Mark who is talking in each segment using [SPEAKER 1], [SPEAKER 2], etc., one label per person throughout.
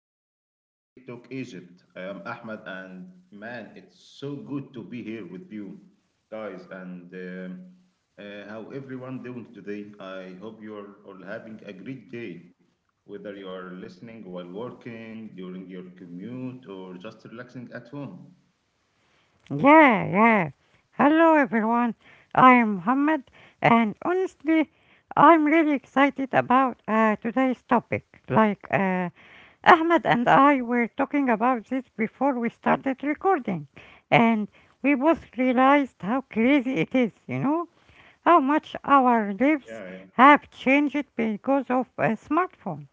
[SPEAKER 1] welcome back to TikTok Egypt. I am Ahmed, and man, it's so good to be here with you guys. And how everyone doing today? I hope you are all having a great day, whether you are listening while working, during your commute, or just relaxing at home.
[SPEAKER 2] Yeah, yeah. Hello everyone. I am Muhammad, and honestly I'm really excited about today's topic. Ahmed and I were talking about this before we started recording, and we both realized how crazy it is, you know, how much our
[SPEAKER 1] Yeah.
[SPEAKER 2] lives have changed because of smartphones.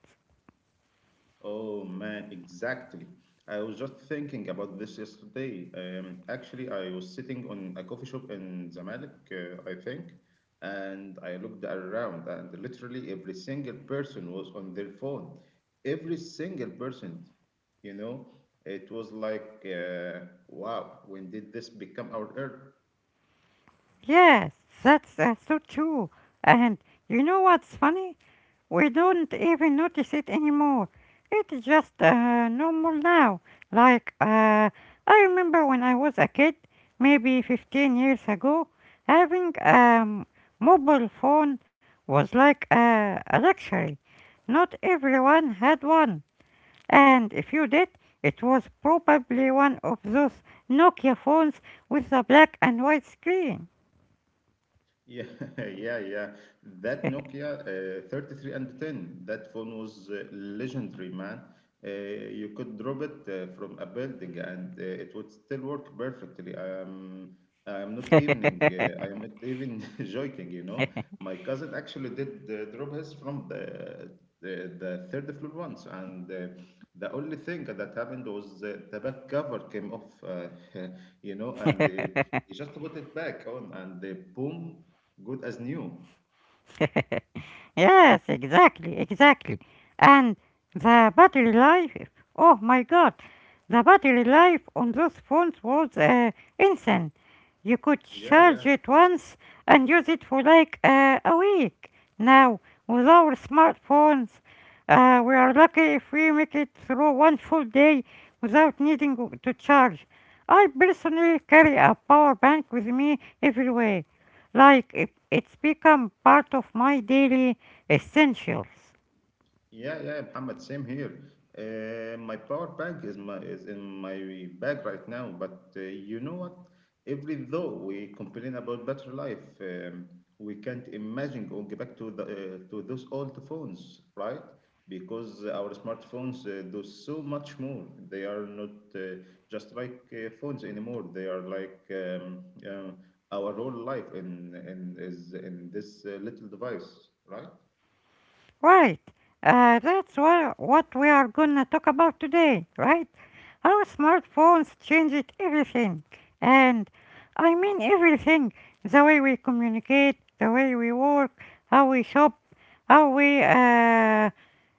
[SPEAKER 1] Oh man, exactly. I was just thinking about this yesterday. Actually, I was sitting on a coffee shop in Zamalek, I think, and I looked around, and literally every single person was on their phone. Every single person, you know, it was like, wow, when did this become our earth?
[SPEAKER 2] Yes, that's so true. And you know what's funny? We don't even notice it anymore. It's just normal now. Like, uh, I remember when I was a kid, maybe 15 years ago, having a mobile phone was like a luxury. Not everyone had one. And if you did, it was probably one of those Nokia phones with a black and white screen.
[SPEAKER 1] Yeah, yeah, yeah. That Nokia 3310, that phone was legendary, man. You could drop it from a building and it would still work perfectly. I'm not even joking. My cousin actually did drop his from the third floor once, and the only thing that happened was the back cover came off, and you just put it back on and boom, good as new.
[SPEAKER 2] Yes, exactly, exactly. And the battery life, oh my god, the battery life on those phones was insane. You could
[SPEAKER 1] Yeah,
[SPEAKER 2] charge
[SPEAKER 1] yeah.
[SPEAKER 2] it once and use it for like a week. Now, with our smartphones, we are lucky if we make it through one full day without needing to charge. I personally carry a power bank with me everywhere. Like, it's become part of my daily essentials.
[SPEAKER 1] Yeah, yeah, Muhammad, same here. My power bank is in my bag right now, but you know what? Every though we complain about better life, we can't imagine going back to the to those old phones, right? Because our smartphones do so much more. They are not just like phones anymore. They are like um, our whole life in is in this little device, right?
[SPEAKER 2] Right. That's what we are gonna talk about today, right? How smartphones changed everything. And I mean everything. The way we communicate, the way we work, how we shop, how we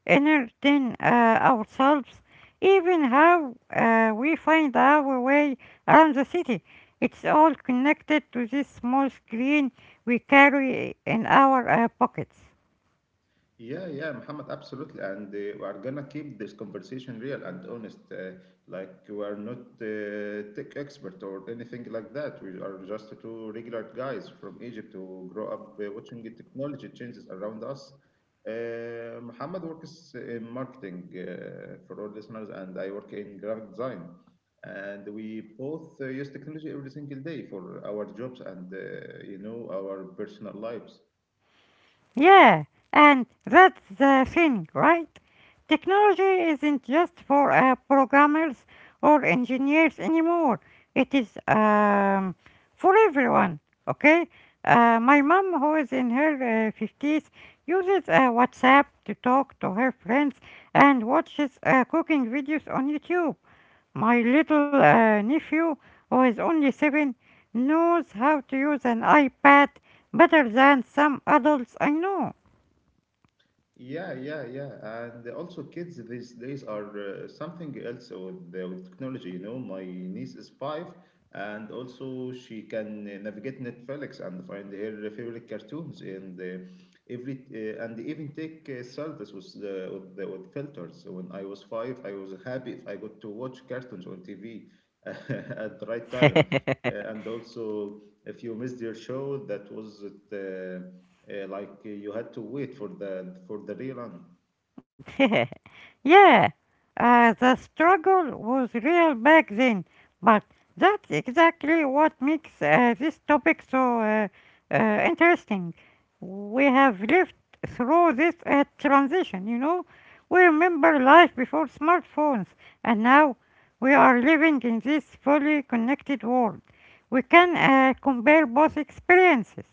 [SPEAKER 2] entertain ourselves, even how we find our way around the city. It's all connected to this small screen we carry in our pockets.
[SPEAKER 1] Yeah, yeah, Muhammad, absolutely. And we are gonna keep this conversation real and honest. Like, we are not tech expert or anything like that. We are just two regular guys from Egypt who grow up watching the technology changes around us. Muhammad works in marketing for all listeners, and I work in graphic design. And we both use technology every single day for our jobs and, our personal lives.
[SPEAKER 2] Yeah, and that's the thing, right? Technology isn't just for programmers or engineers anymore. It is for everyone, okay? My mom, who is in her 50s, uses WhatsApp to talk to her friends and watches cooking videos on YouTube. My little nephew, who is only seven, knows how to use an iPad better than some adults I know.
[SPEAKER 1] Yeah, yeah, yeah. And also, kids these days are something else with technology. My niece is five, and also she can navigate Netflix and find her favorite cartoons every and even take selfies with filters. When I was five, I was happy if I got to watch cartoons on TV at the right time. And also, if you missed your show, that was it. You had to wait for the rerun.
[SPEAKER 2] Yeah, the struggle was real back then, but that's exactly what makes this topic so interesting. We have lived through this transition, you know. We remember life before smartphones, and now we are living in this fully connected world. We can compare both experiences.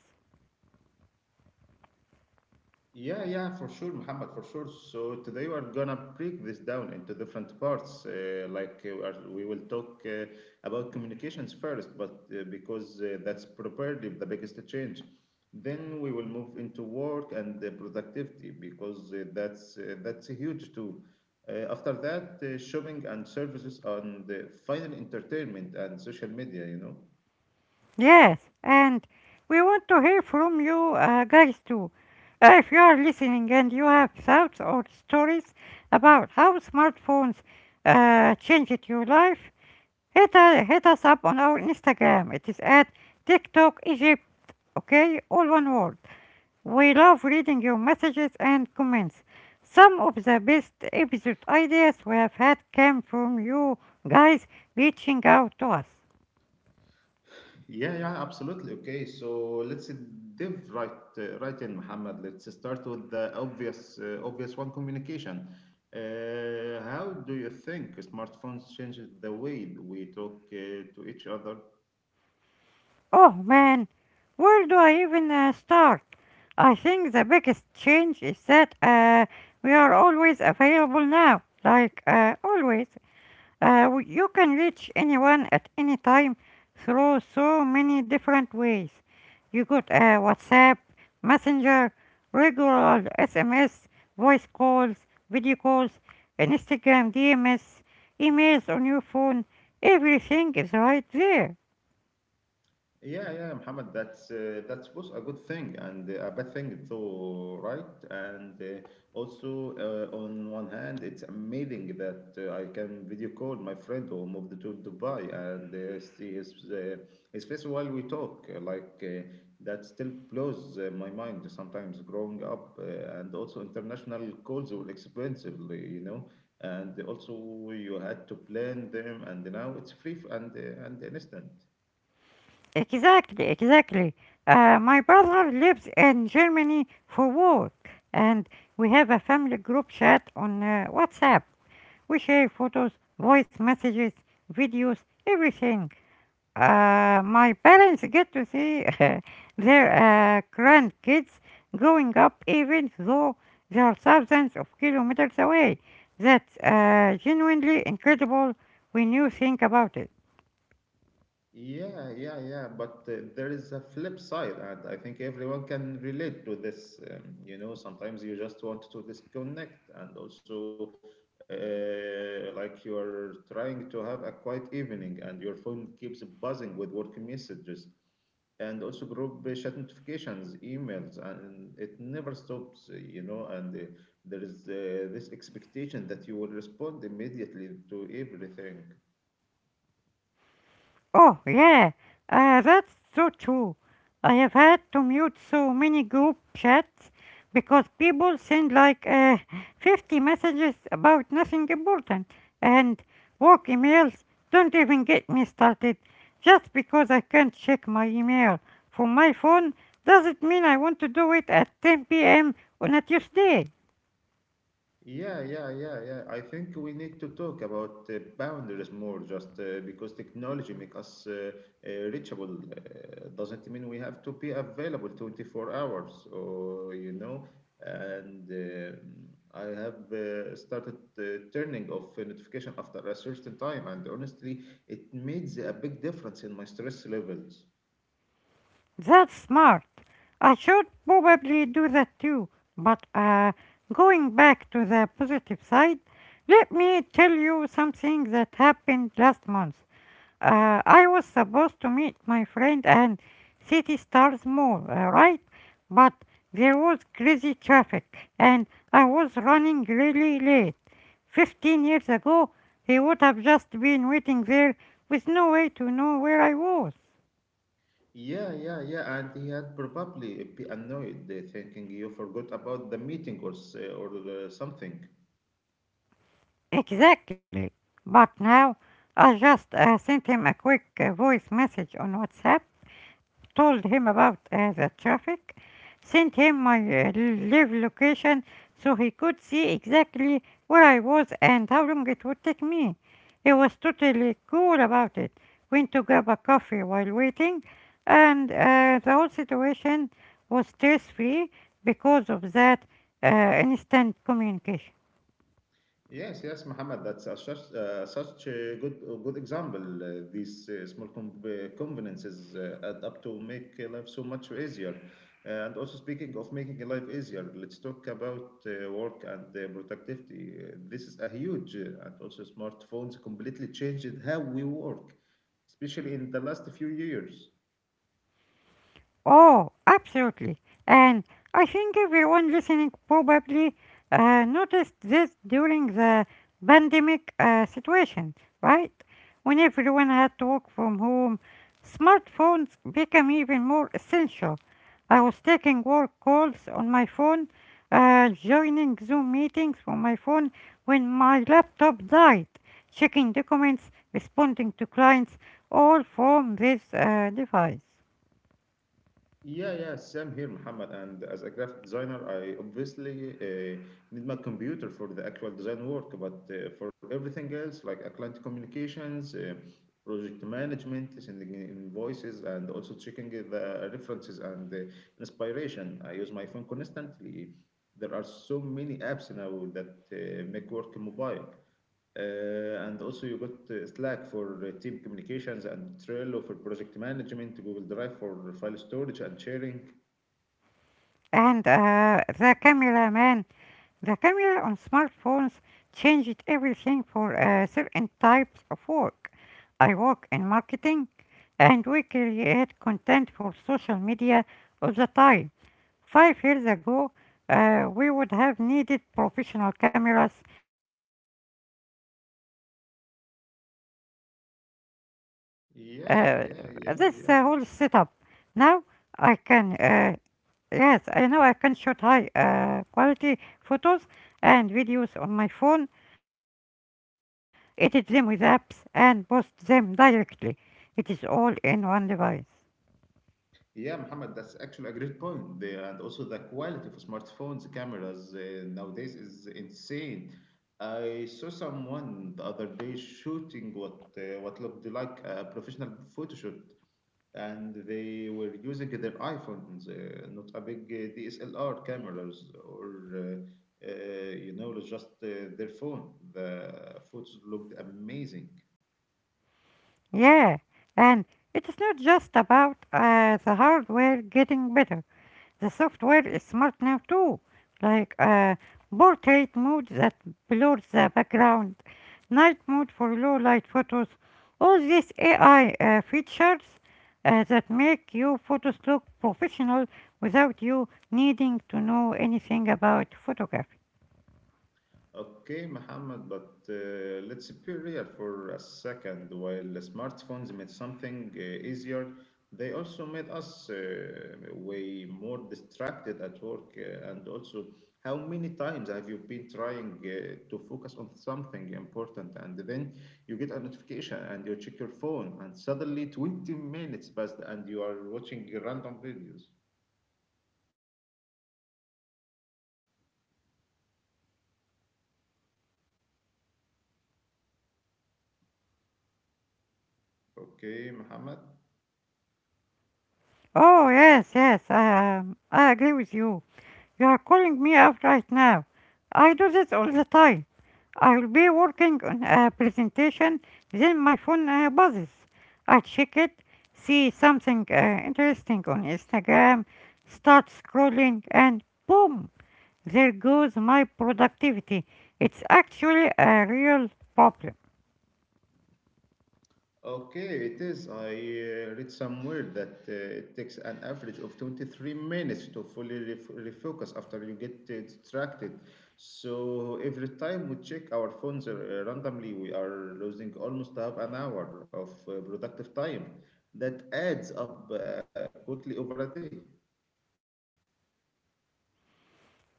[SPEAKER 1] Yeah, yeah, for sure, Muhammad, for sure. So today we are gonna break this down into different parts. Like we will talk about communications first, but because that's probably the biggest change. Then we will move into work and productivity because that's huge too. After that, shopping and services and final entertainment and social media.
[SPEAKER 2] Yes, and we want to hear from you guys too. If you are listening and you have thoughts or stories about how smartphones changed your life, hit us up on our Instagram. It is at TikTok Egypt, okay? All one word. We love reading your messages and comments. Some of the best episode ideas we have had came from you guys reaching out to us.
[SPEAKER 1] Yeah, yeah, absolutely. Okay, so let's dive right right in, Muhammad. Let's start with the obvious obvious one, communication. How do you think smartphones changed the way we talk to each other?
[SPEAKER 2] Oh man, where do I even start? I think the biggest change is that we are always available now. Always, you can reach anyone at any time through so many different ways. You got WhatsApp, Messenger, regular SMS, voice calls, video calls, and Instagram DMs, emails on your phone. Everything is right there.
[SPEAKER 1] Yeah, yeah, Muhammad, that's both a good thing and a bad thing though, right? And on one hand, it's amazing that I can video call my friend who moved to Dubai and see his face while we talk. Like that still blows my mind sometimes growing up. And also, international calls were expensive, and also you had to plan them, and now it's free and instant.
[SPEAKER 2] Exactly, exactly. My brother lives in Germany for work, and we have a family group chat on WhatsApp. We share photos, voice messages, videos, everything. My parents get to see their grandkids growing up, even though they are thousands of kilometers away. That's genuinely incredible when you think about it.
[SPEAKER 1] Yeah, yeah, yeah. But there is a flip side, and I think everyone can relate to this. Sometimes you just want to disconnect, and also like you're trying to have a quiet evening, and your phone keeps buzzing with work messages, and also group chat notifications, emails, and it never stops. You know, and there is this expectation that you will respond immediately to everything.
[SPEAKER 2] Oh, yeah, that's so true. I have had to mute so many group chats because people send like 50 messages about nothing important, and work emails don't even get me started. Just because I can't check my email from my phone doesn't mean I want to do it at 10 p.m. on a Tuesday.
[SPEAKER 1] Yeah, yeah, yeah, yeah. I think we need to talk about boundaries more, just because technology make us reachable. Doesn't mean we have to be available 24 hours, or. And I have started turning off notification after a certain time, and honestly, it made a big difference in my stress levels.
[SPEAKER 2] That's smart. I should probably do that too. But going back to the positive side, let me tell you something that happened last month. I was supposed to meet my friend and City Stars Mall, right? But there was crazy traffic and I was running really late. 15 years ago, he would have just been waiting there with no way to know where I was.
[SPEAKER 1] Yeah, yeah, yeah, and he had probably be annoyed, thinking you forgot about the meeting or s- or something.
[SPEAKER 2] Exactly. But now I just sent him a quick voice message on WhatsApp, told him about the traffic, sent him my live location so he could see exactly where I was and how long it would take me. He was totally cool about it. Went to grab a coffee while waiting, and the whole situation was stress free because of that uh, instant communication.
[SPEAKER 1] Yes, yes, Muhammad, that's such a good example. These small conveniences add up to make life so much easier. And also, speaking of making life easier, let's talk about work and productivity. This is a huge, and also smartphones completely changed how we work, especially in the last few years.
[SPEAKER 2] Oh, absolutely. And I think everyone listening probably noticed this during the pandemic situation, right? When everyone had to work from home, smartphones became even more essential. I was taking work calls on my phone, joining Zoom meetings from my phone when my laptop died, checking documents, responding to clients, all from this device.
[SPEAKER 1] Yeah, yeah, same here, Muhammad. And as a graphic designer, I obviously need my computer for the actual design work, but for everything else, like client communications, project management, sending in invoices, and also checking the references and inspiration, I use my phone constantly. There are so many apps now that make work mobile. And also you got Slack for team communications and Trello for project management, Google Drive for file storage and sharing.
[SPEAKER 2] And the camera, man, the camera on smartphones changed everything for certain types of work. I work in marketing and we create content for social media all the time. 5 years ago, we would have needed professional cameras, editing equipment, and uh, this whole setup.
[SPEAKER 1] Yeah,
[SPEAKER 2] Now
[SPEAKER 1] yeah, yeah,
[SPEAKER 2] I
[SPEAKER 1] yeah.
[SPEAKER 2] can Yes, I know I can shoot high quality photos and videos on my phone, edit them with apps, and post them directly. It is all in one device.
[SPEAKER 1] Yeah, Muhammad, that's actually a great point. And also the quality of smartphones cameras nowadays is insane. I saw someone the other day shooting what looked like a professional photo shoot, and they were using their iPhones, not a big DSLR cameras or just their phone. The photos looked amazing.
[SPEAKER 2] Yeah, and it is not just about the hardware getting better. The software is smart now too, like a portrait mode that blurs the background, night mode for low light photos, all these AI features that make your photos look professional without you needing to know anything about photography.
[SPEAKER 1] Okay, Mohammed, but let's be real for a second. While the smartphones made something easier, they also made us way more distracted at work. How many times have you been trying to focus on something important and then you get a notification and you check your phone, and suddenly 20 minutes passed and you are watching random videos? Okay, Mohammed?
[SPEAKER 2] Oh, yes, yes, I agree with you. You are calling me out right now. I do this all the time. I will be working on a presentation, then my phone buzzes. I check it, see something interesting on Instagram, start scrolling, and boom, there goes my productivity. It's actually a real problem.
[SPEAKER 1] Okay, it is. I read somewhere that it takes an average of 23 minutes to fully refocus after you get distracted. So every time we check our phones randomly, we are losing almost half an hour of productive time. That adds up quickly over a day.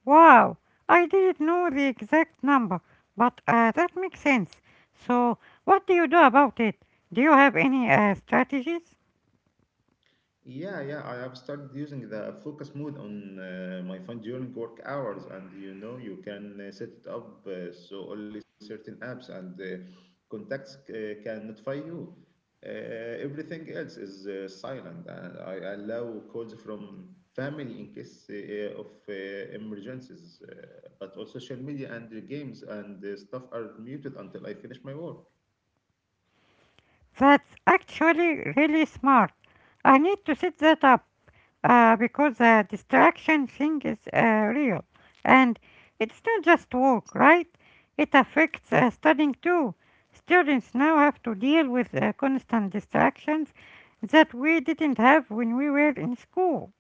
[SPEAKER 2] Wow, I didn't know the exact number, but that makes sense. So, what do you do about it? Do you have any strategies?
[SPEAKER 1] Yeah, yeah, I have started using the focus mode on my phone during work hours, and you can set it up so only certain apps and contacts can notify you. Everything else is silent, and I allow calls from family in case of emergencies, but all social media and the games and stuff are muted until I finish my work.
[SPEAKER 2] That's actually really smart. I need to set that up because the distraction thing is real. And it's not just work, right? It affects studying too. Students now have to deal with constant distractions that we didn't have when we were in school.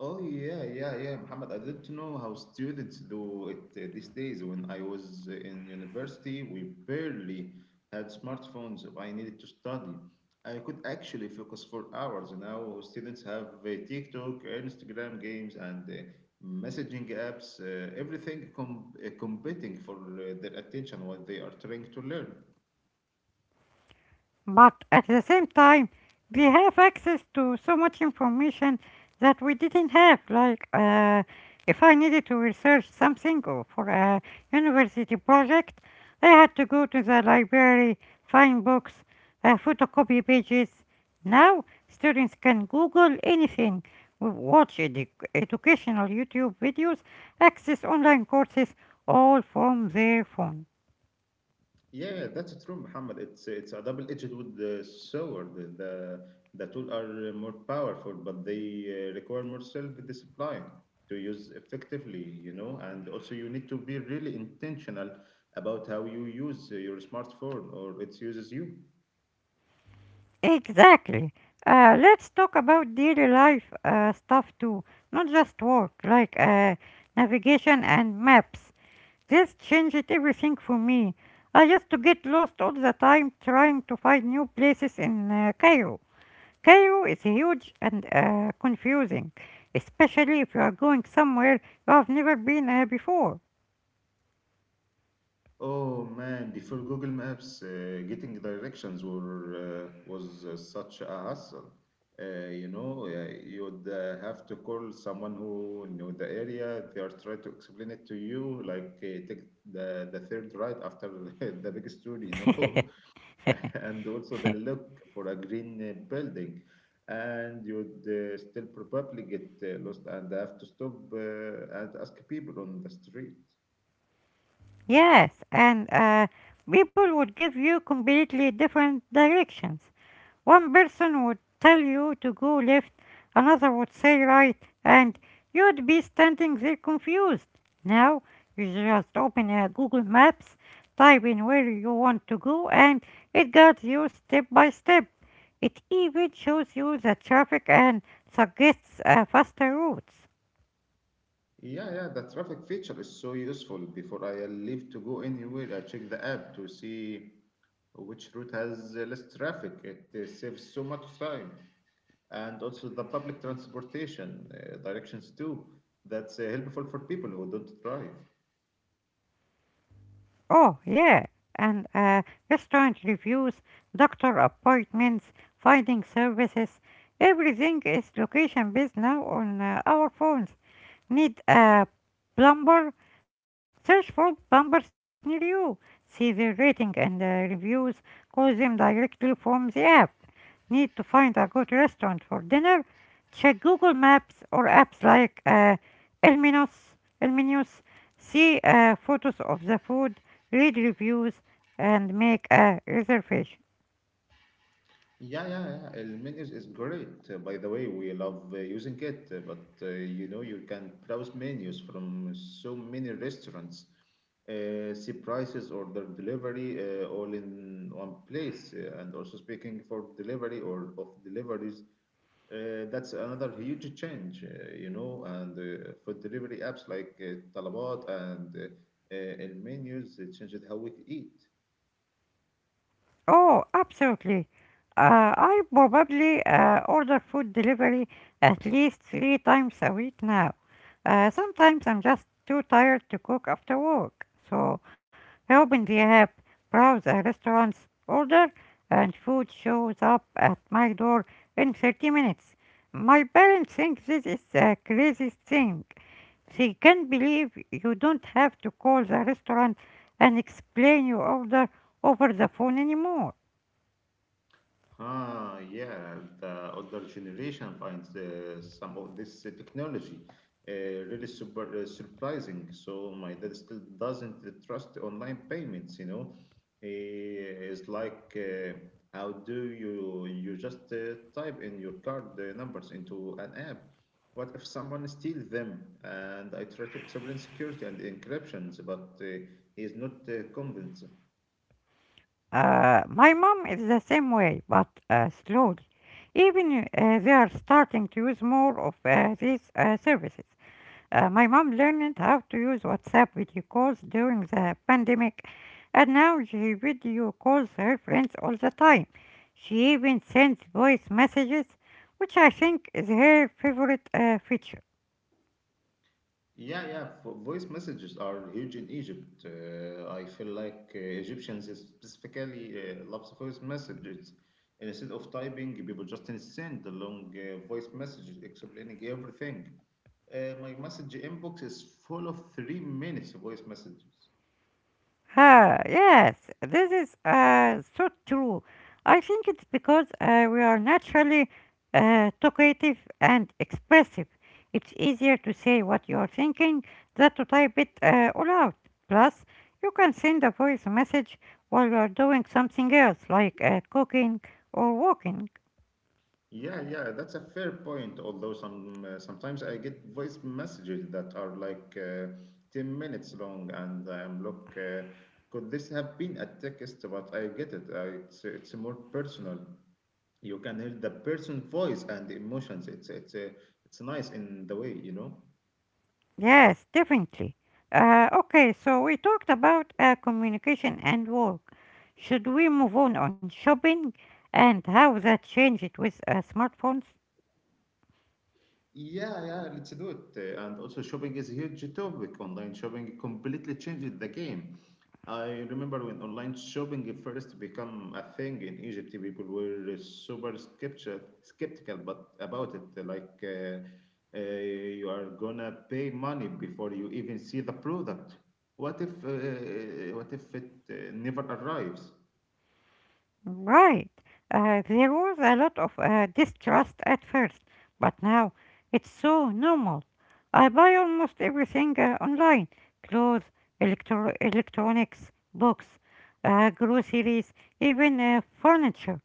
[SPEAKER 1] Oh yeah, yeah, yeah, Muhammad. I didn't know how students do it these days. When I was in university, we barely had smartphones. I needed to study. I could actually focus for hours. Now students have TikTok, Instagram games, and messaging apps. Everything competing for their attention while they are trying to learn.
[SPEAKER 2] But at the same time, we have access to so much information that we didn't have. If I needed to research something or for a university project, I had to go to the library, find books, photocopy pages. Now, students can Google anything, watch educational YouTube videos, access online courses, all from their phone.
[SPEAKER 1] Yeah, that's true, Muhammad. It's a double-edged with the sword. The tools are more powerful, but they require more self-discipline to use effectively. And also, you need to be really intentional about how you use your smartphone or it uses you.
[SPEAKER 2] Exactly. Let's talk about daily life stuff too, not just work, like navigation and maps. This changed everything for me. I used to get lost all the time trying to find new places in Cairo. Cairo is huge and confusing, especially if you are going somewhere you have never been before.
[SPEAKER 1] Oh man, before Google Maps, getting directions were was such a hassle. You know, you'd have to call someone who knew the area. They are trying to explain it to you, like take the third right after the big street, and also then look for a green building, and you'd still probably get lost and have to stop and ask people on the street.
[SPEAKER 2] Yes, and people would give you completely different directions. One person would tell you to go left, another would say right, and you'd be standing there confused. Now, you just open a Google Maps, type in where you want to go, and it guides you step by step. It even shows you the traffic and suggests faster routes.
[SPEAKER 1] Yeah, yeah, the traffic feature is so useful. Before I leave to go anywhere, I check the app to see which route has less traffic. It saves so much time. And also the public transportation directions too. That's helpful for people who don't drive.
[SPEAKER 2] Oh, yeah. And restaurant reviews, doctor appointments, finding services. Everything is location based now on our phones. Need a plumber? Search for plumbers near you. See their rating and reviews. Call them directly from the app need to find a good restaurant for dinner, check Google Maps or apps like Elmenos. Elminius, see photos of the food, read reviews, and make a reservation.
[SPEAKER 1] Yeah, yeah, yeah. El menus is great. By the way, we love using it, but you can browse menus from so many restaurants, see prices, order delivery, all in one place. And also speaking for delivery or of deliveries, that's another huge change, and for delivery apps like Talabat and menus, it changes how we eat.
[SPEAKER 2] Oh, absolutely. I probably order food delivery at least three times a week now. Sometimes I'm just too tired to cook after work. So I open the app, browse a restaurant's order, and food shows up at my door in 30 minutes. My parents think this is the craziest thing. They can't believe you don't have to call the restaurant and explain your order over the phone anymore.
[SPEAKER 1] Ah, yeah, the older generation finds some of this technology really super surprising. So my dad still doesn't trust online payments, you know. It's like, how do you just type in your card numbers into an app? What if someone steals them? And I try to explain security and encryptions, but he's not convinced.
[SPEAKER 2] My mom is the same way, but slowly. Even they are starting to use more of these services. My mom learned how to use WhatsApp video calls during the pandemic, and now she video calls her friends all the time. She even sends voice messages, which I think is her favorite feature.
[SPEAKER 1] Yeah, yeah. Voice messages are huge in Egypt. I feel like Egyptians specifically loves voice messages. Instead of typing, people just send the long voice messages explaining everything. My message inbox is full of 3 minute voice messages.
[SPEAKER 2] Ah, yes, this is so true. I think it's because we are naturally talkative and expressive. It's easier to say what you're thinking than to type it all out. Plus, you can send a voice message while you are doing something else, like cooking or walking.
[SPEAKER 1] Yeah, yeah, that's a fair point. Although sometimes I get voice messages that are like 10 minutes long, and I'm could this have been a text? But I get it. It's more personal. You can hear the person's voice and emotions. It's it's nice in the way,
[SPEAKER 2] Yes, definitely. Okay, so we talked about communication and work. Should we move on shopping and how that changed with smartphones?
[SPEAKER 1] Yeah, yeah, let's do it. And also, shopping is a huge topic. Online shopping completely changed the game. I remember when online shopping first became a thing in Egypt, people were super skeptical, skeptical but about it. Like, you are gonna pay money before you even see the product. What if it never arrives?
[SPEAKER 2] Right. There was a lot of distrust at first, but now it's so normal. I buy almost everything online: clothes, electronics, books, groceries, even furniture.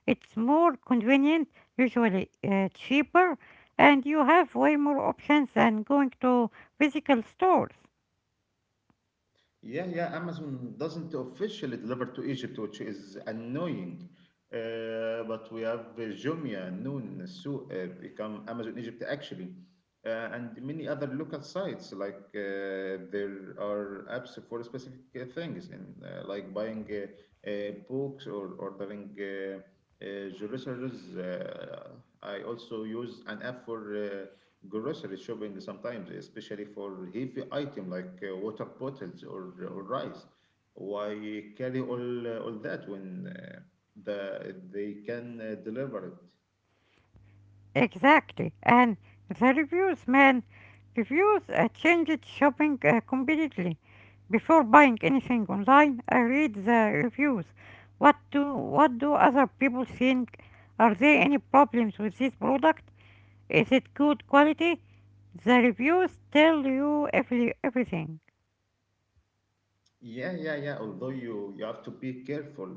[SPEAKER 2] It's more convenient, usually cheaper, and you have way more options than going to physical stores.
[SPEAKER 1] Yeah, yeah, Amazon doesn't officially deliver to Egypt, which is annoying. But we have Jumia, Noon, Sou become Amazon Egypt actually, and many other local sites. Like there are apps for specific things, and like buying books or ordering groceries. I also use an app for grocery shopping sometimes, especially for heavy item like water bottles or rice. Why carry all that when they can deliver it?
[SPEAKER 2] Exactly. And the reviews, man, reviews changed shopping completely. Before buying anything online, I read the reviews. What do other people think? Are there any problems with this product? Is it good quality? The reviews tell you everything.
[SPEAKER 1] Yeah, yeah, yeah. Although you have to be careful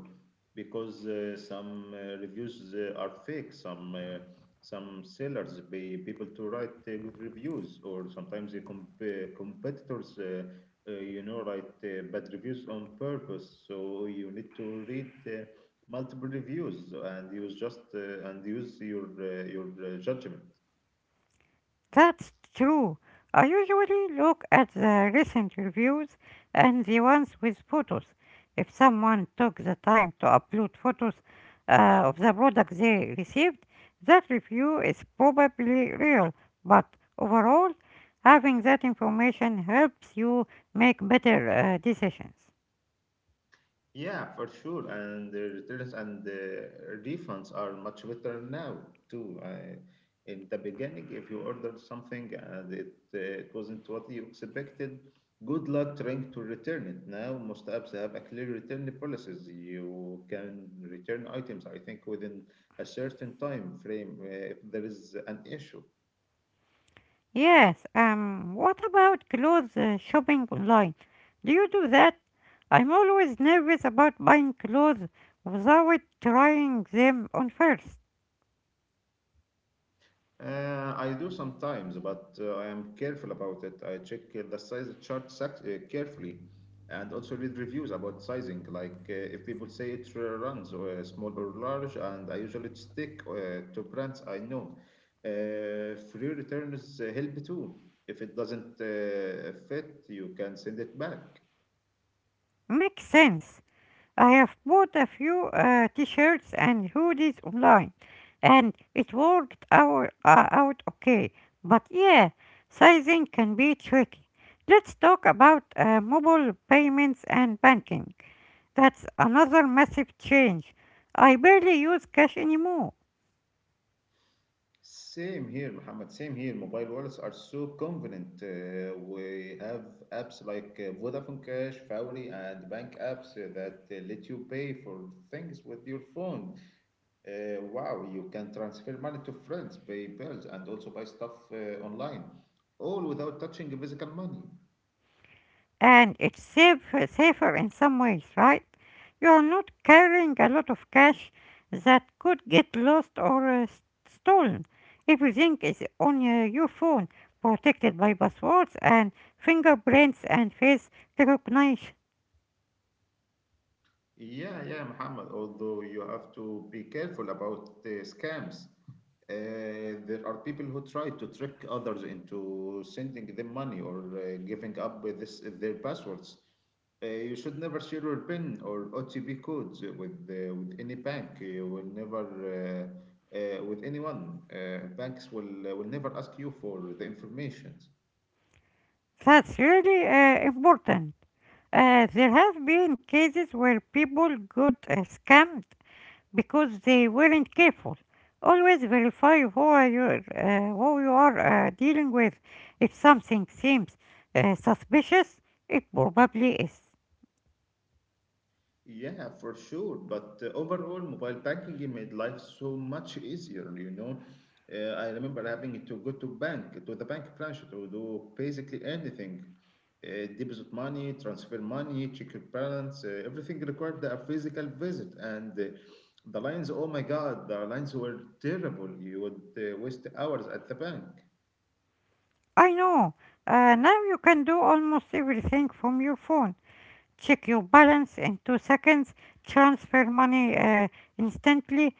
[SPEAKER 1] because some reviews are fake. Some sellers pay people to write good reviews, or sometimes the competitors, write bad reviews on purpose. So you need to read multiple reviews and use just and use your judgment.
[SPEAKER 2] That's true. I usually look at the recent reviews and the ones with photos. If someone took the time to upload photos of the product they received, that review is probably real. But overall, having that information helps you make better decisions.
[SPEAKER 1] Yeah, for sure. And the returns and the refunds are much better now too. In the beginning, if you ordered something and it wasn't what you expected, good luck trying to return it. Now, most apps have a clear return policies. You can return items, I think, within a certain time frame if there is an issue.
[SPEAKER 2] Yes, what about clothes shopping online? Do you do that? I'm always nervous about buying clothes without trying them on first.
[SPEAKER 1] I do sometimes, but I am careful about it. I check the size chart carefully and also read reviews about sizing, like if people say it runs small or large, and I usually stick to brands I know. Free returns help too. If it doesn't fit, you can send it back.
[SPEAKER 2] Makes sense. I have bought a few t-shirts and hoodies online, and it worked out okay. But yeah, sizing can be tricky. Let's talk about mobile payments and banking. That's another massive change. I barely use cash anymore.
[SPEAKER 1] Same here, Muhammad. Same here. Mobile wallets are so convenient. We have apps like Vodafone Cash, Fowry, and bank apps that let you pay for things with your phone. Wow, you can transfer money to friends, pay bills, and also buy stuff online, all without touching physical money.
[SPEAKER 2] And safer in some ways, right? You're not carrying a lot of cash that could get lost or stolen. Everything is on your phone, protected by passwords and fingerprints and face recognition.
[SPEAKER 1] Yeah, yeah, Muhammad. Although you have to be careful about scams. There are people who try to trick others into sending them money or giving up with this, their passwords. You should never share your PIN or OTP codes with any bank. You will never with anyone. Banks will never ask you for the information.
[SPEAKER 2] That's really important. There have been cases where people got scammed because they weren't careful. Always verify who you are dealing with. If something seems suspicious, it probably is.
[SPEAKER 1] Yeah, for sure. But overall, mobile banking made life so much easier. You know, I remember having to go to the bank branch to do basically anything, deposit money, transfer money, check your balance. Everything required a physical visit, and the lines. Oh my God, the lines were terrible. You would waste hours at the bank.
[SPEAKER 2] I know. Now you can do almost everything from your phone. Check your balance in 2 seconds, transfer money instantly,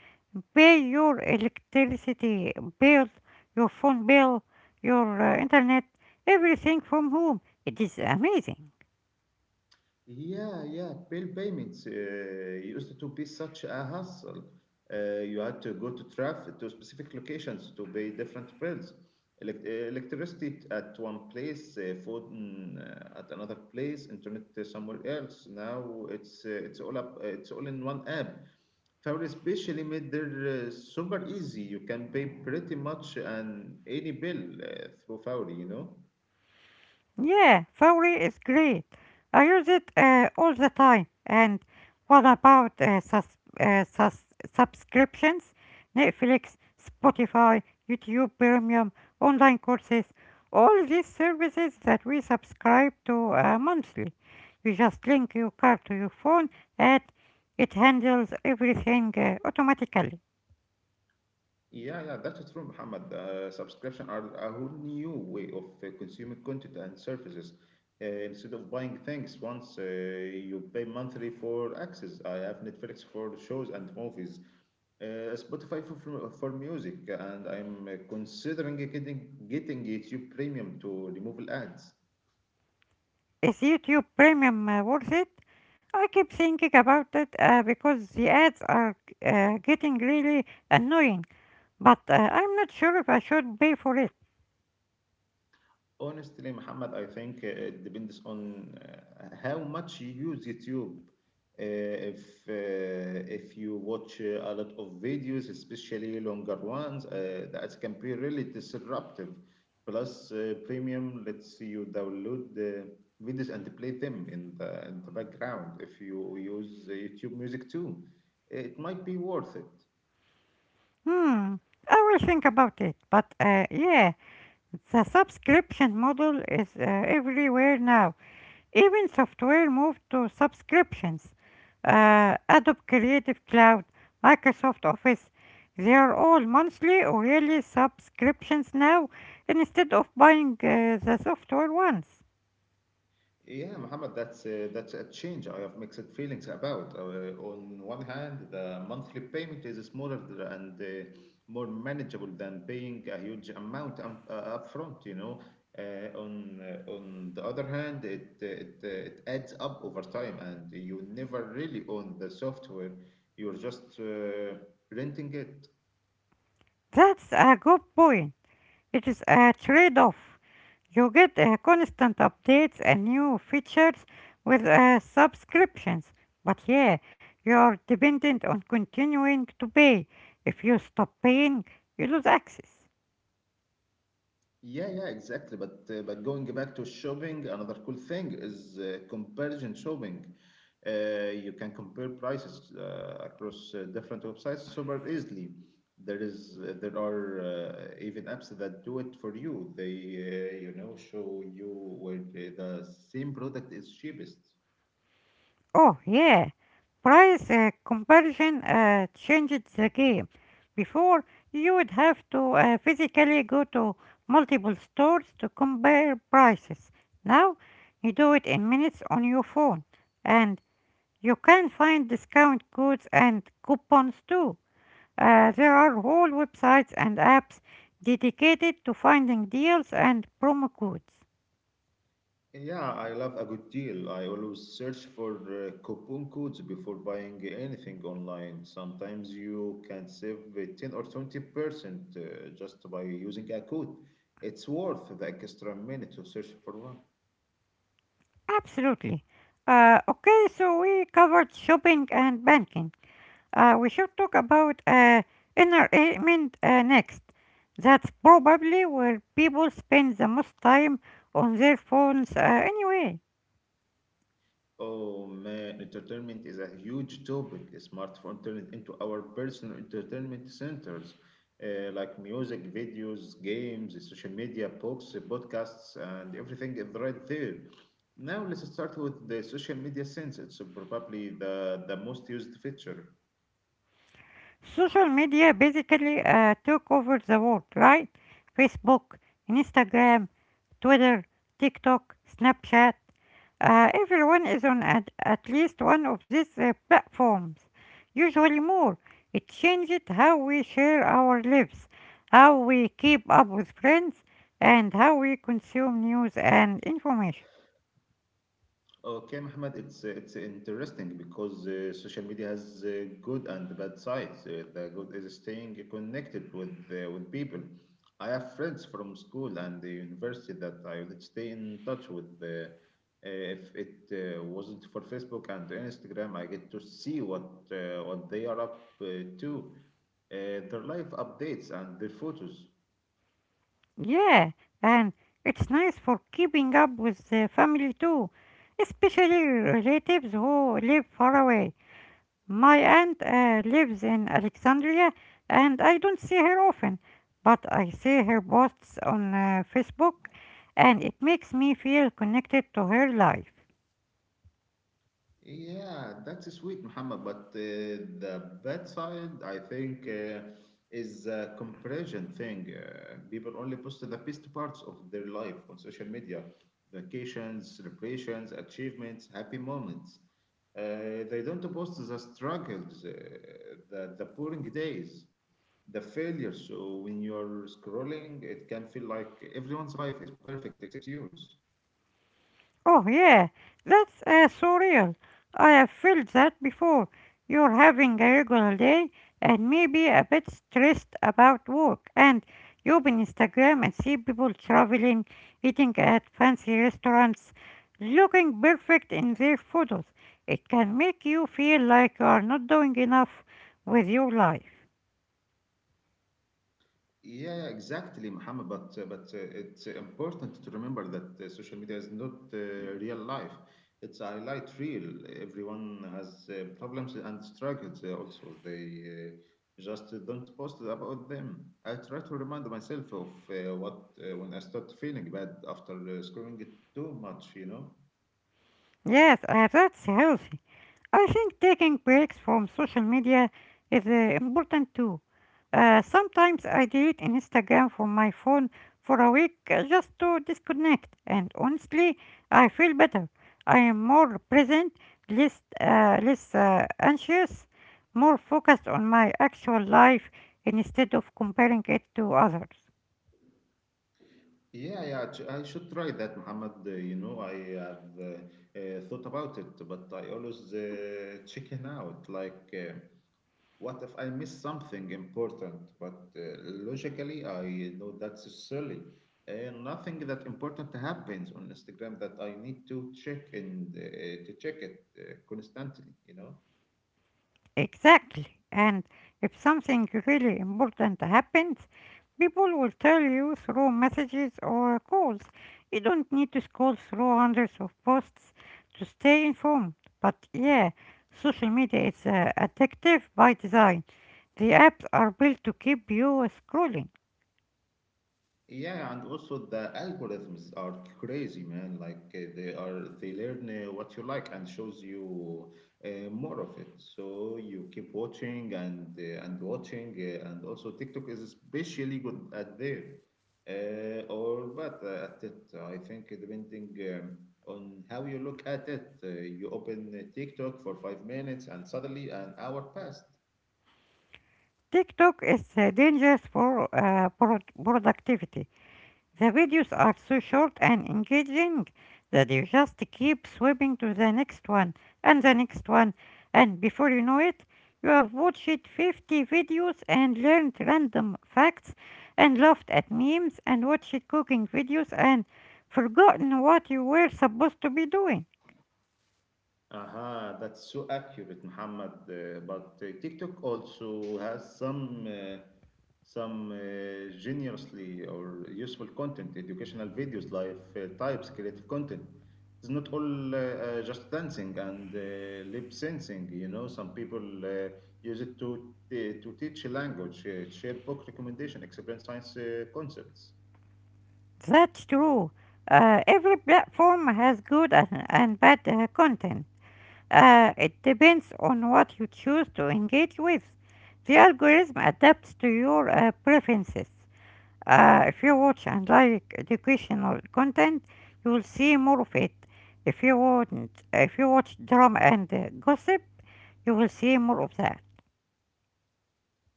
[SPEAKER 2] pay your electricity bill, your phone bill, your internet, everything from home. It is amazing.
[SPEAKER 1] Yeah, yeah, bill payments used to be such a hassle. You had to go to traffic to specific locations to pay different bills. Electricity at one place, food at another place, internet somewhere else. Now it's all in one app. Tower especially made their super easy. You can pay pretty much an any bill through Fauri, you know.
[SPEAKER 2] Yeah, Fowry is great. I use it all the time. And what about subscriptions? Netflix, Spotify, YouTube Premium, online courses, all these services that we subscribe to monthly. You just link your card to your phone and it handles everything automatically.
[SPEAKER 1] Yeah, yeah, that is true, Muhammad. Subscription are a whole new way of consuming content and services. Instead of buying things once, you pay monthly for access. I have Netflix for shows and movies, Spotify for music, and I'm considering getting YouTube Premium to remove ads.
[SPEAKER 2] Is YouTube Premium worth it? I keep thinking about it because the ads are getting really annoying, but I'm not sure if I should pay for it.
[SPEAKER 1] Honestly, Muhammad, I think it depends on how much you use YouTube. If you watch a lot of videos, especially longer ones, that can be really disruptive. Plus, Premium lets you download the videos and play them in the background. If you use YouTube Music too, it might be worth it.
[SPEAKER 2] Hmm, I will think about it, but yeah, the subscription model is everywhere now. Even software moved to subscriptions. Adobe Creative Cloud, Microsoft Office, they are all monthly or yearly subscriptions now instead of buying the software once.
[SPEAKER 1] Yeah, Muhammad, that's a change I have mixed feelings about. On one hand, the monthly payment is smaller and more manageable than paying a huge amount upfront, you know. On the other hand, it adds up over time, and you never really own the software. You're just renting it.
[SPEAKER 2] That's a good point. It is a trade off. You get constant updates and new features with subscriptions, but yeah, you are dependent on continuing to pay. If you stop paying, you lose access.
[SPEAKER 1] Yeah, yeah, exactly. But going back to shopping, another cool thing is comparison shopping. You can compare prices across different websites super easily. There are even apps that do it for you. They show you where the same product is cheapest.
[SPEAKER 2] Oh, yeah. Price comparison changed the game. Before, you would have to physically go to multiple stores to compare prices. Now, you do it in minutes on your phone. And you can find discount codes and coupons too. There are whole websites and apps dedicated to finding deals and promo codes.
[SPEAKER 1] Yeah, I love a good deal. I always search for coupon codes before buying anything online. Sometimes you can save 10 or 20% just by using a code. It's worth the extra minute to search for one.
[SPEAKER 2] Absolutely. Okay, so we covered shopping and banking. We should talk about entertainment next. That's probably where people spend the most time on their phones anyway.
[SPEAKER 1] Oh man, entertainment is a huge topic. Smartphone turned into our personal entertainment centers, like music, videos, games, social media, books, podcasts, and everything is right there. Now let's start with the social media sense. It's probably the most used feature.
[SPEAKER 2] Social media basically took over the world, right? Facebook, Instagram, Twitter, TikTok, Snapchat. Everyone is at least one of these platforms, usually more. It changed how we share our lives, how we keep up with friends, and how we consume news and information.
[SPEAKER 1] Okay, Mohammed, it's interesting because social media has good and bad sides. The good is staying connected with people. I have friends from school and the university that I would stay in touch with. If it wasn't for Facebook and Instagram, I get to see what they are up to, uh, their life updates and their photos.
[SPEAKER 2] Yeah, and it's nice for keeping up with the family too, especially relatives who live far away. My aunt lives in Alexandria and I don't see her often, but I see her posts on Facebook and it makes me feel connected to her life.
[SPEAKER 1] Yeah, that's sweet, Muhammad. But the bad side, I think, is a comparison thing. People only post the best parts of their life on social media vacations, celebrations, achievements, happy moments. They don't post the struggles, the boring days, the failures. So when you're scrolling, it can feel like everyone's life is perfect except yours.
[SPEAKER 2] Oh, yeah, that's so real. I have felt that before. You're having a regular day and maybe a bit stressed about work, and you open Instagram and see people traveling, eating at fancy restaurants, looking perfect in their photos. It can make you feel like you are not doing enough with your life.
[SPEAKER 1] Yeah, yeah, exactly, Muhammad. But it's important to remember that social media is not real life. It's a highlight reel. Everyone has problems and struggles. Also, they just don't post about them. I try to remind myself of what when I start feeling bad after scrolling it too much,
[SPEAKER 2] Yes, that's healthy. I think taking breaks from social media is important too. Sometimes I delete Instagram from my phone for a week just to disconnect, and honestly, I feel better. I am more present, less, less anxious, more focused on my actual life instead of comparing it to others.
[SPEAKER 1] Yeah, yeah, I should try that, Muhammad. I have thought about it, but I always chicken out. Like, what if I miss something important? But logically, I know that's silly. Nothing that important happens on Instagram that I need to check it constantly,
[SPEAKER 2] Exactly. And if something really important happens, people will tell you through messages or calls. You don't need to scroll through hundreds of posts to stay informed. But yeah, social media is addictive by design. The apps are built to keep you scrolling.
[SPEAKER 1] Yeah, and also the algorithms are crazy, man. Like they learn what you like and shows you more of it. So you keep watching and watching, and also TikTok is especially good at there, or but at it. I think depending on how you look at it, you open TikTok for 5 minutes, and suddenly an hour passed.
[SPEAKER 2] TikTok is dangerous for productivity. The videos are so short and engaging that you just keep swimming to the next one and the next one, and before you know it, you have watched 50 videos and learned random facts and laughed at memes and watched cooking videos and forgotten what you were supposed to be doing.
[SPEAKER 1] Aha, that's so accurate, Muhammad. But TikTok also has some generously or useful content, educational videos, life types, creative content. It's not all just dancing and lip syncing. You know, some people use it to teach a language, share book recommendation, explain science concepts.
[SPEAKER 2] That's true. Every platform has good and bad content. It depends on what you choose to engage with. The algorithm adapts to your preferences. If you watch and like educational content, you will see more of it. If you watch drama and gossip, you will see more of that.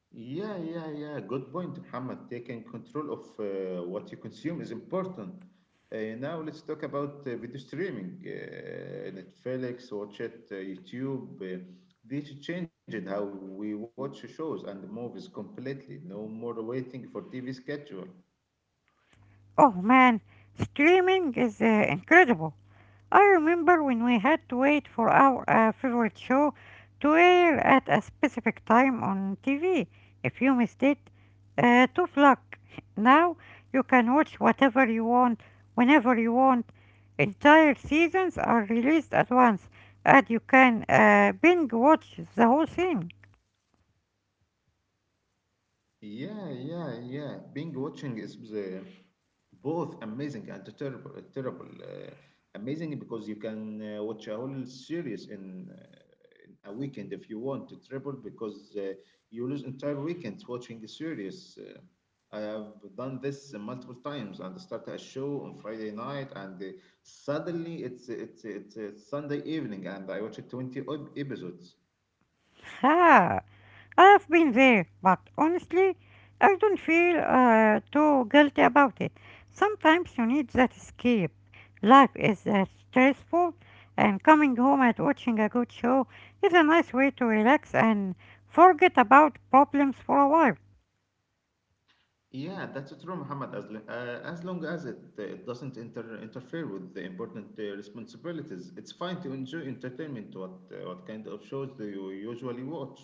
[SPEAKER 1] Yeah, yeah, yeah. Good point, Muhammad. Taking control of what you consume is important. Now let's talk about video streaming. Netflix, watch it, YouTube. This changed how we watch shows and movies completely. No more waiting for TV schedule.
[SPEAKER 2] Oh man, streaming is incredible. I remember when we had to wait for our favorite show to air at a specific time on TV. If you missed it, tough luck. Now you can watch whatever you want, whenever you want. Entire seasons are released at once, and you can binge watch the whole thing.
[SPEAKER 1] Yeah, yeah, yeah. Binge watching is both amazing and terrible. Terrible, amazing because you can watch a whole series in a weekend if you want. Terrible because you lose entire weekends watching a series. I have done this multiple times and start a show on Friday night and suddenly it's Sunday evening and I watch 20 episodes.
[SPEAKER 2] Ha! I have been there, but honestly, I don't feel too guilty about it. Sometimes you need that escape. Life is stressful, and coming home and watching a good show is a nice way to relax and forget about problems for a while.
[SPEAKER 1] Yeah, that's true, Muhammad. As long as it doesn't interfere with the important responsibilities, it's fine to enjoy entertainment. What kind of shows do you usually watch?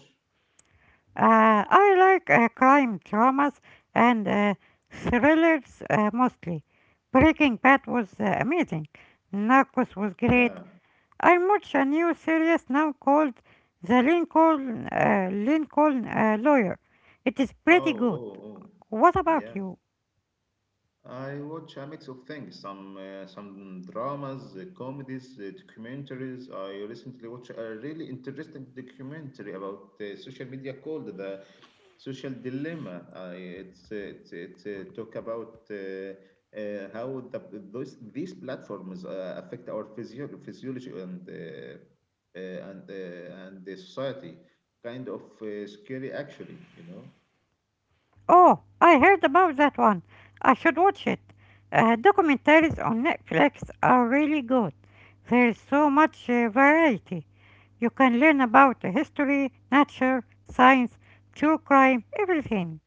[SPEAKER 2] I like crime dramas and thrillers mostly. Breaking Bad was amazing. Narcos was great.
[SPEAKER 1] Yeah.
[SPEAKER 2] I watch a new series now called The Lincoln Lincoln Lawyer. It is
[SPEAKER 1] Oh,
[SPEAKER 2] pretty good.
[SPEAKER 1] oh, oh.
[SPEAKER 2] What about
[SPEAKER 1] Yeah.
[SPEAKER 2] you?
[SPEAKER 1] I watch a mix of things, some dramas, comedies, documentaries. I recently watched a really interesting documentary about social media called The Social Dilemma. It's talk about how those these platforms affect our physiology and the society. Kind of scary, actually,
[SPEAKER 2] Oh, I heard about that one. I should watch it. Documentaries on Netflix are really good. There is so much variety. You can learn about history, nature, science, true crime, everything.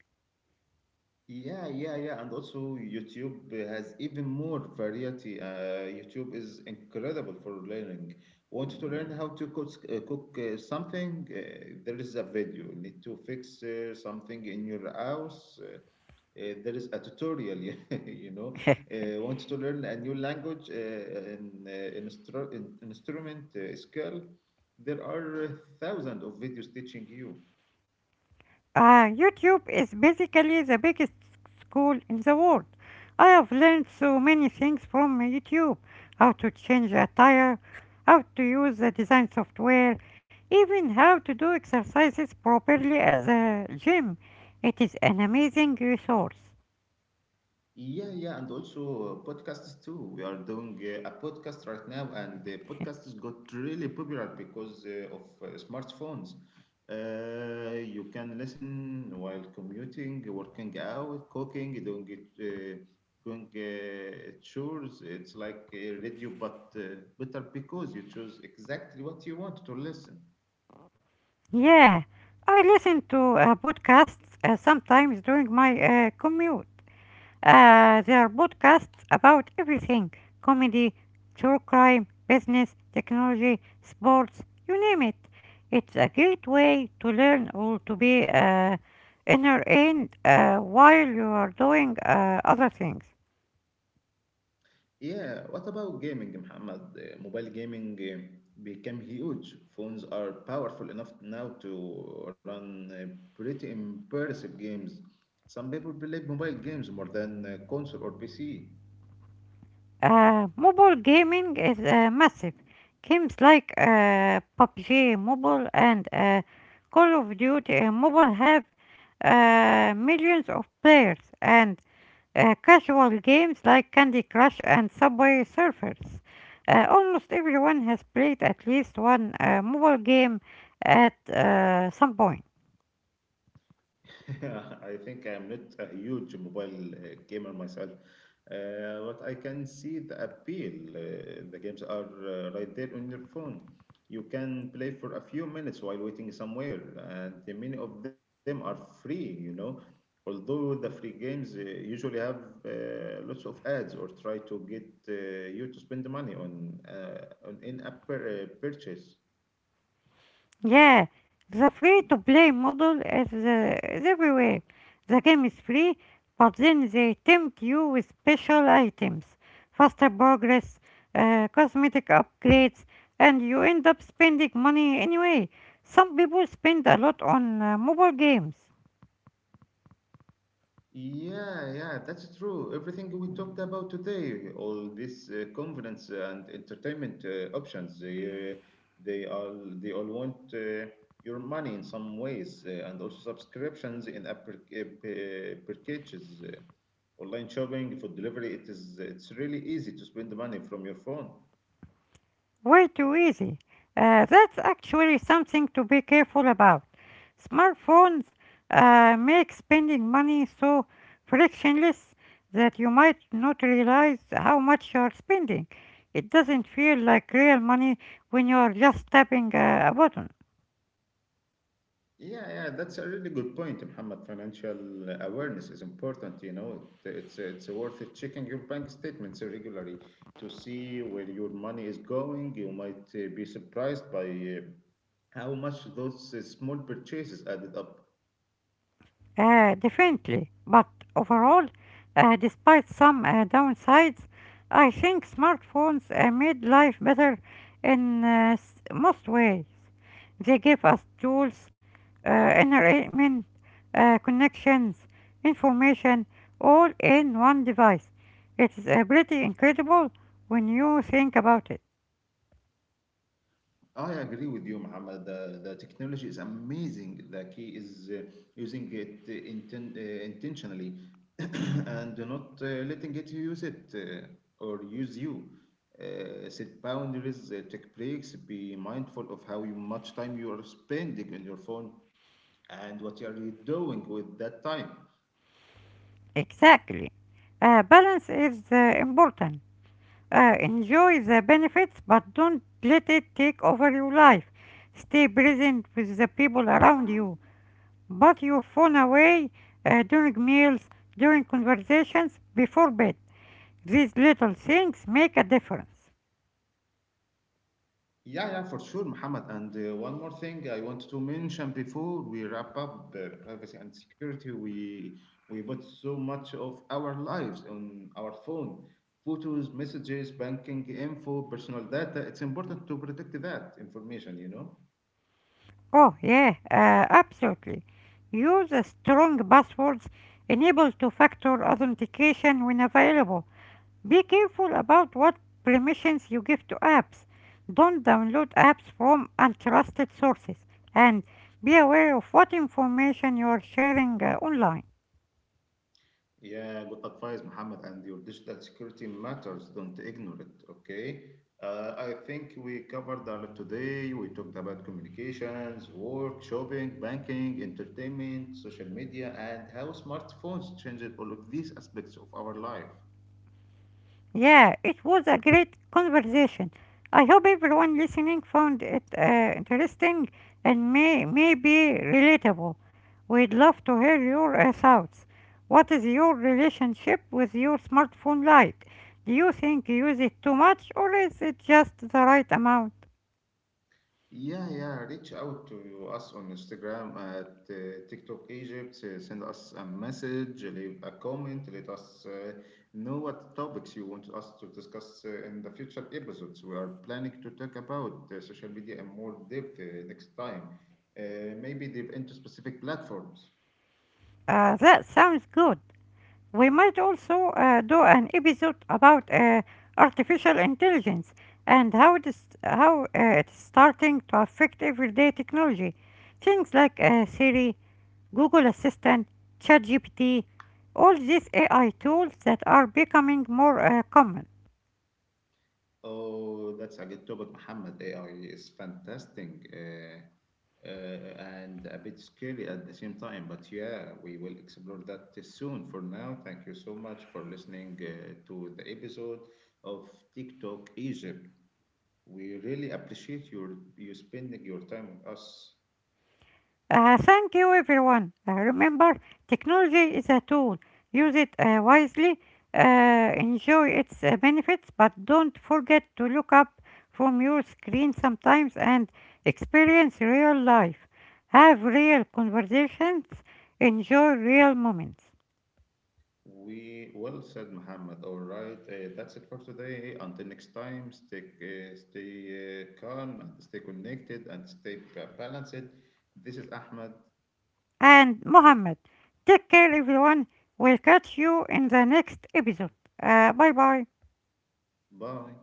[SPEAKER 1] Yeah, yeah, yeah, and also YouTube has even more variety. YouTube is incredible for learning. Want to learn how to cook, something? There is a video. Need to fix something in your house? There is a tutorial. yeah, You know, want to learn a new language, instrument, skill? There are thousands of videos teaching you.
[SPEAKER 2] YouTube is basically the biggest school in the world. I have learned so many things from YouTube how to change a tire, how to use the design software, even how to do exercises properly at the gym. It is an amazing resource.
[SPEAKER 1] Yeah, yeah, and also podcasts too. We are doing a podcast right now, and the podcast got really popular because of smartphones. You can listen while commuting, working out, cooking, doing chores. It's like a radio, but better because you choose exactly what you want to listen.
[SPEAKER 2] Yeah, I listen to podcasts sometimes during my commute. There are podcasts about everything comedy, true crime, business, technology, sports, you name it. It's a great way to learn or to be entertained while you are doing other things.
[SPEAKER 1] Yeah, what about gaming, Muhammad? Mobile gaming became huge. Phones are powerful enough now to run pretty impressive games. Some people play mobile games more than console or PC.
[SPEAKER 2] Mobile gaming is massive. Games like PUBG Mobile and Call of Duty Mobile have millions of players and casual games like Candy Crush and Subway Surfers. Almost everyone has played at least one mobile game at some point.
[SPEAKER 1] I think I'm not a huge mobile gamer myself, but I can see the appeal. The games are right there on your phone. You can play for a few minutes while waiting somewhere, and the many of them are free, Although the free games usually have lots of ads or try to get you to spend the money on in-app purchase.
[SPEAKER 2] Yeah, the free to play model is everywhere. The game is free, but then they tempt you with special items, faster progress, cosmetic upgrades, and you end up spending money anyway. Some people spend a lot on mobile games.
[SPEAKER 1] Yeah, yeah, that's true. Everything we talked about today, all these conference and entertainment options, they all they all want your money in some ways, and also subscriptions in app packages, online shopping, food delivery. It's really easy to spend money from your phone.
[SPEAKER 2] Way too easy. That's actually something to be careful about. Smartphones make spending money so frictionless that you might not realize how much you're spending. It doesn't feel like real money when you're just tapping a button.
[SPEAKER 1] Yeah, yeah, that's a really good point, Muhammad. Financial awareness is important, It's worth it checking your bank statements regularly to see where your money is going. You might be surprised by how much those small purchases added up.
[SPEAKER 2] Definitely. But overall, despite some downsides, I think smartphones made life better in most ways. They gave us tools, entertainment, connections, information, all in one device. It's pretty incredible when you think about it.
[SPEAKER 1] Oh, yeah, I agree with you, Muhammad. The technology is amazing. The key is using it intentionally and not letting it use it or use you. Set boundaries, take breaks, be mindful of how much time you are spending on your phone and what are you doing with that time.
[SPEAKER 2] Exactly. Balance is important. Enjoy the benefits, but don't let it take over your life. Stay present with the people around you. Put your phone away during meals, during conversations, before bed. These little things make a difference.
[SPEAKER 1] Yeah, yeah, for sure, Muhammad. And one more thing I wanted to mention before we wrap up privacy and security. We put so much of our lives on our phone, photos, messages, banking info, personal data. It's important to protect that information,
[SPEAKER 2] Oh, yeah, absolutely. Use strong passwords, enable two factor authentication when available. Be careful about what permissions you give to apps. Don't download apps from untrusted sources. And be aware of what information you are sharing online.
[SPEAKER 1] Yeah, good advice, Mohammed. And your digital security matters. Don't ignore it. Okay. I think we covered a lot today. We talked about communications, work, shopping, banking, entertainment, social media, and how smartphones changed all of these aspects of our life.
[SPEAKER 2] Yeah, it was a great conversation. I hope everyone listening found it interesting and maybe relatable. We'd love to hear your thoughts. What is your relationship with your smartphone like? Do you think you use it too much or is it just the right amount?
[SPEAKER 1] Yeah, yeah. Reach out to us on Instagram at TikTok Egypt. Send us a message, leave a comment. Let us know what topics you want us to discuss in the future episodes. We are planning to talk about social media in more depth next time. Maybe dive into specific platforms.
[SPEAKER 2] That sounds good. We might also do an episode about artificial intelligence and how it's starting to affect everyday technology. Things like Siri, Google Assistant, ChatGPT, all these AI tools that are becoming more common.
[SPEAKER 1] Oh, that's a good topic, Muhammad. AI is fantastic and a bit scary at the same time. But yeah, we will explore that soon. For now, thank you so much for listening to the episode of TikTok Egypt. We really appreciate you spending your time with us.
[SPEAKER 2] Thank you, everyone. Remember, technology is a tool. Use it wisely, enjoy its benefits, but don't forget to look up from your screen sometimes and experience real life. Have real conversations, enjoy real moments.
[SPEAKER 1] We well said, Muhammad. All right, that's it for today. Until next time, stay calm and stay connected and stay balanced. This is Ahmed.
[SPEAKER 2] And Mohammed, take care, everyone. We'll catch you in the next episode. Bye bye.
[SPEAKER 1] Bye.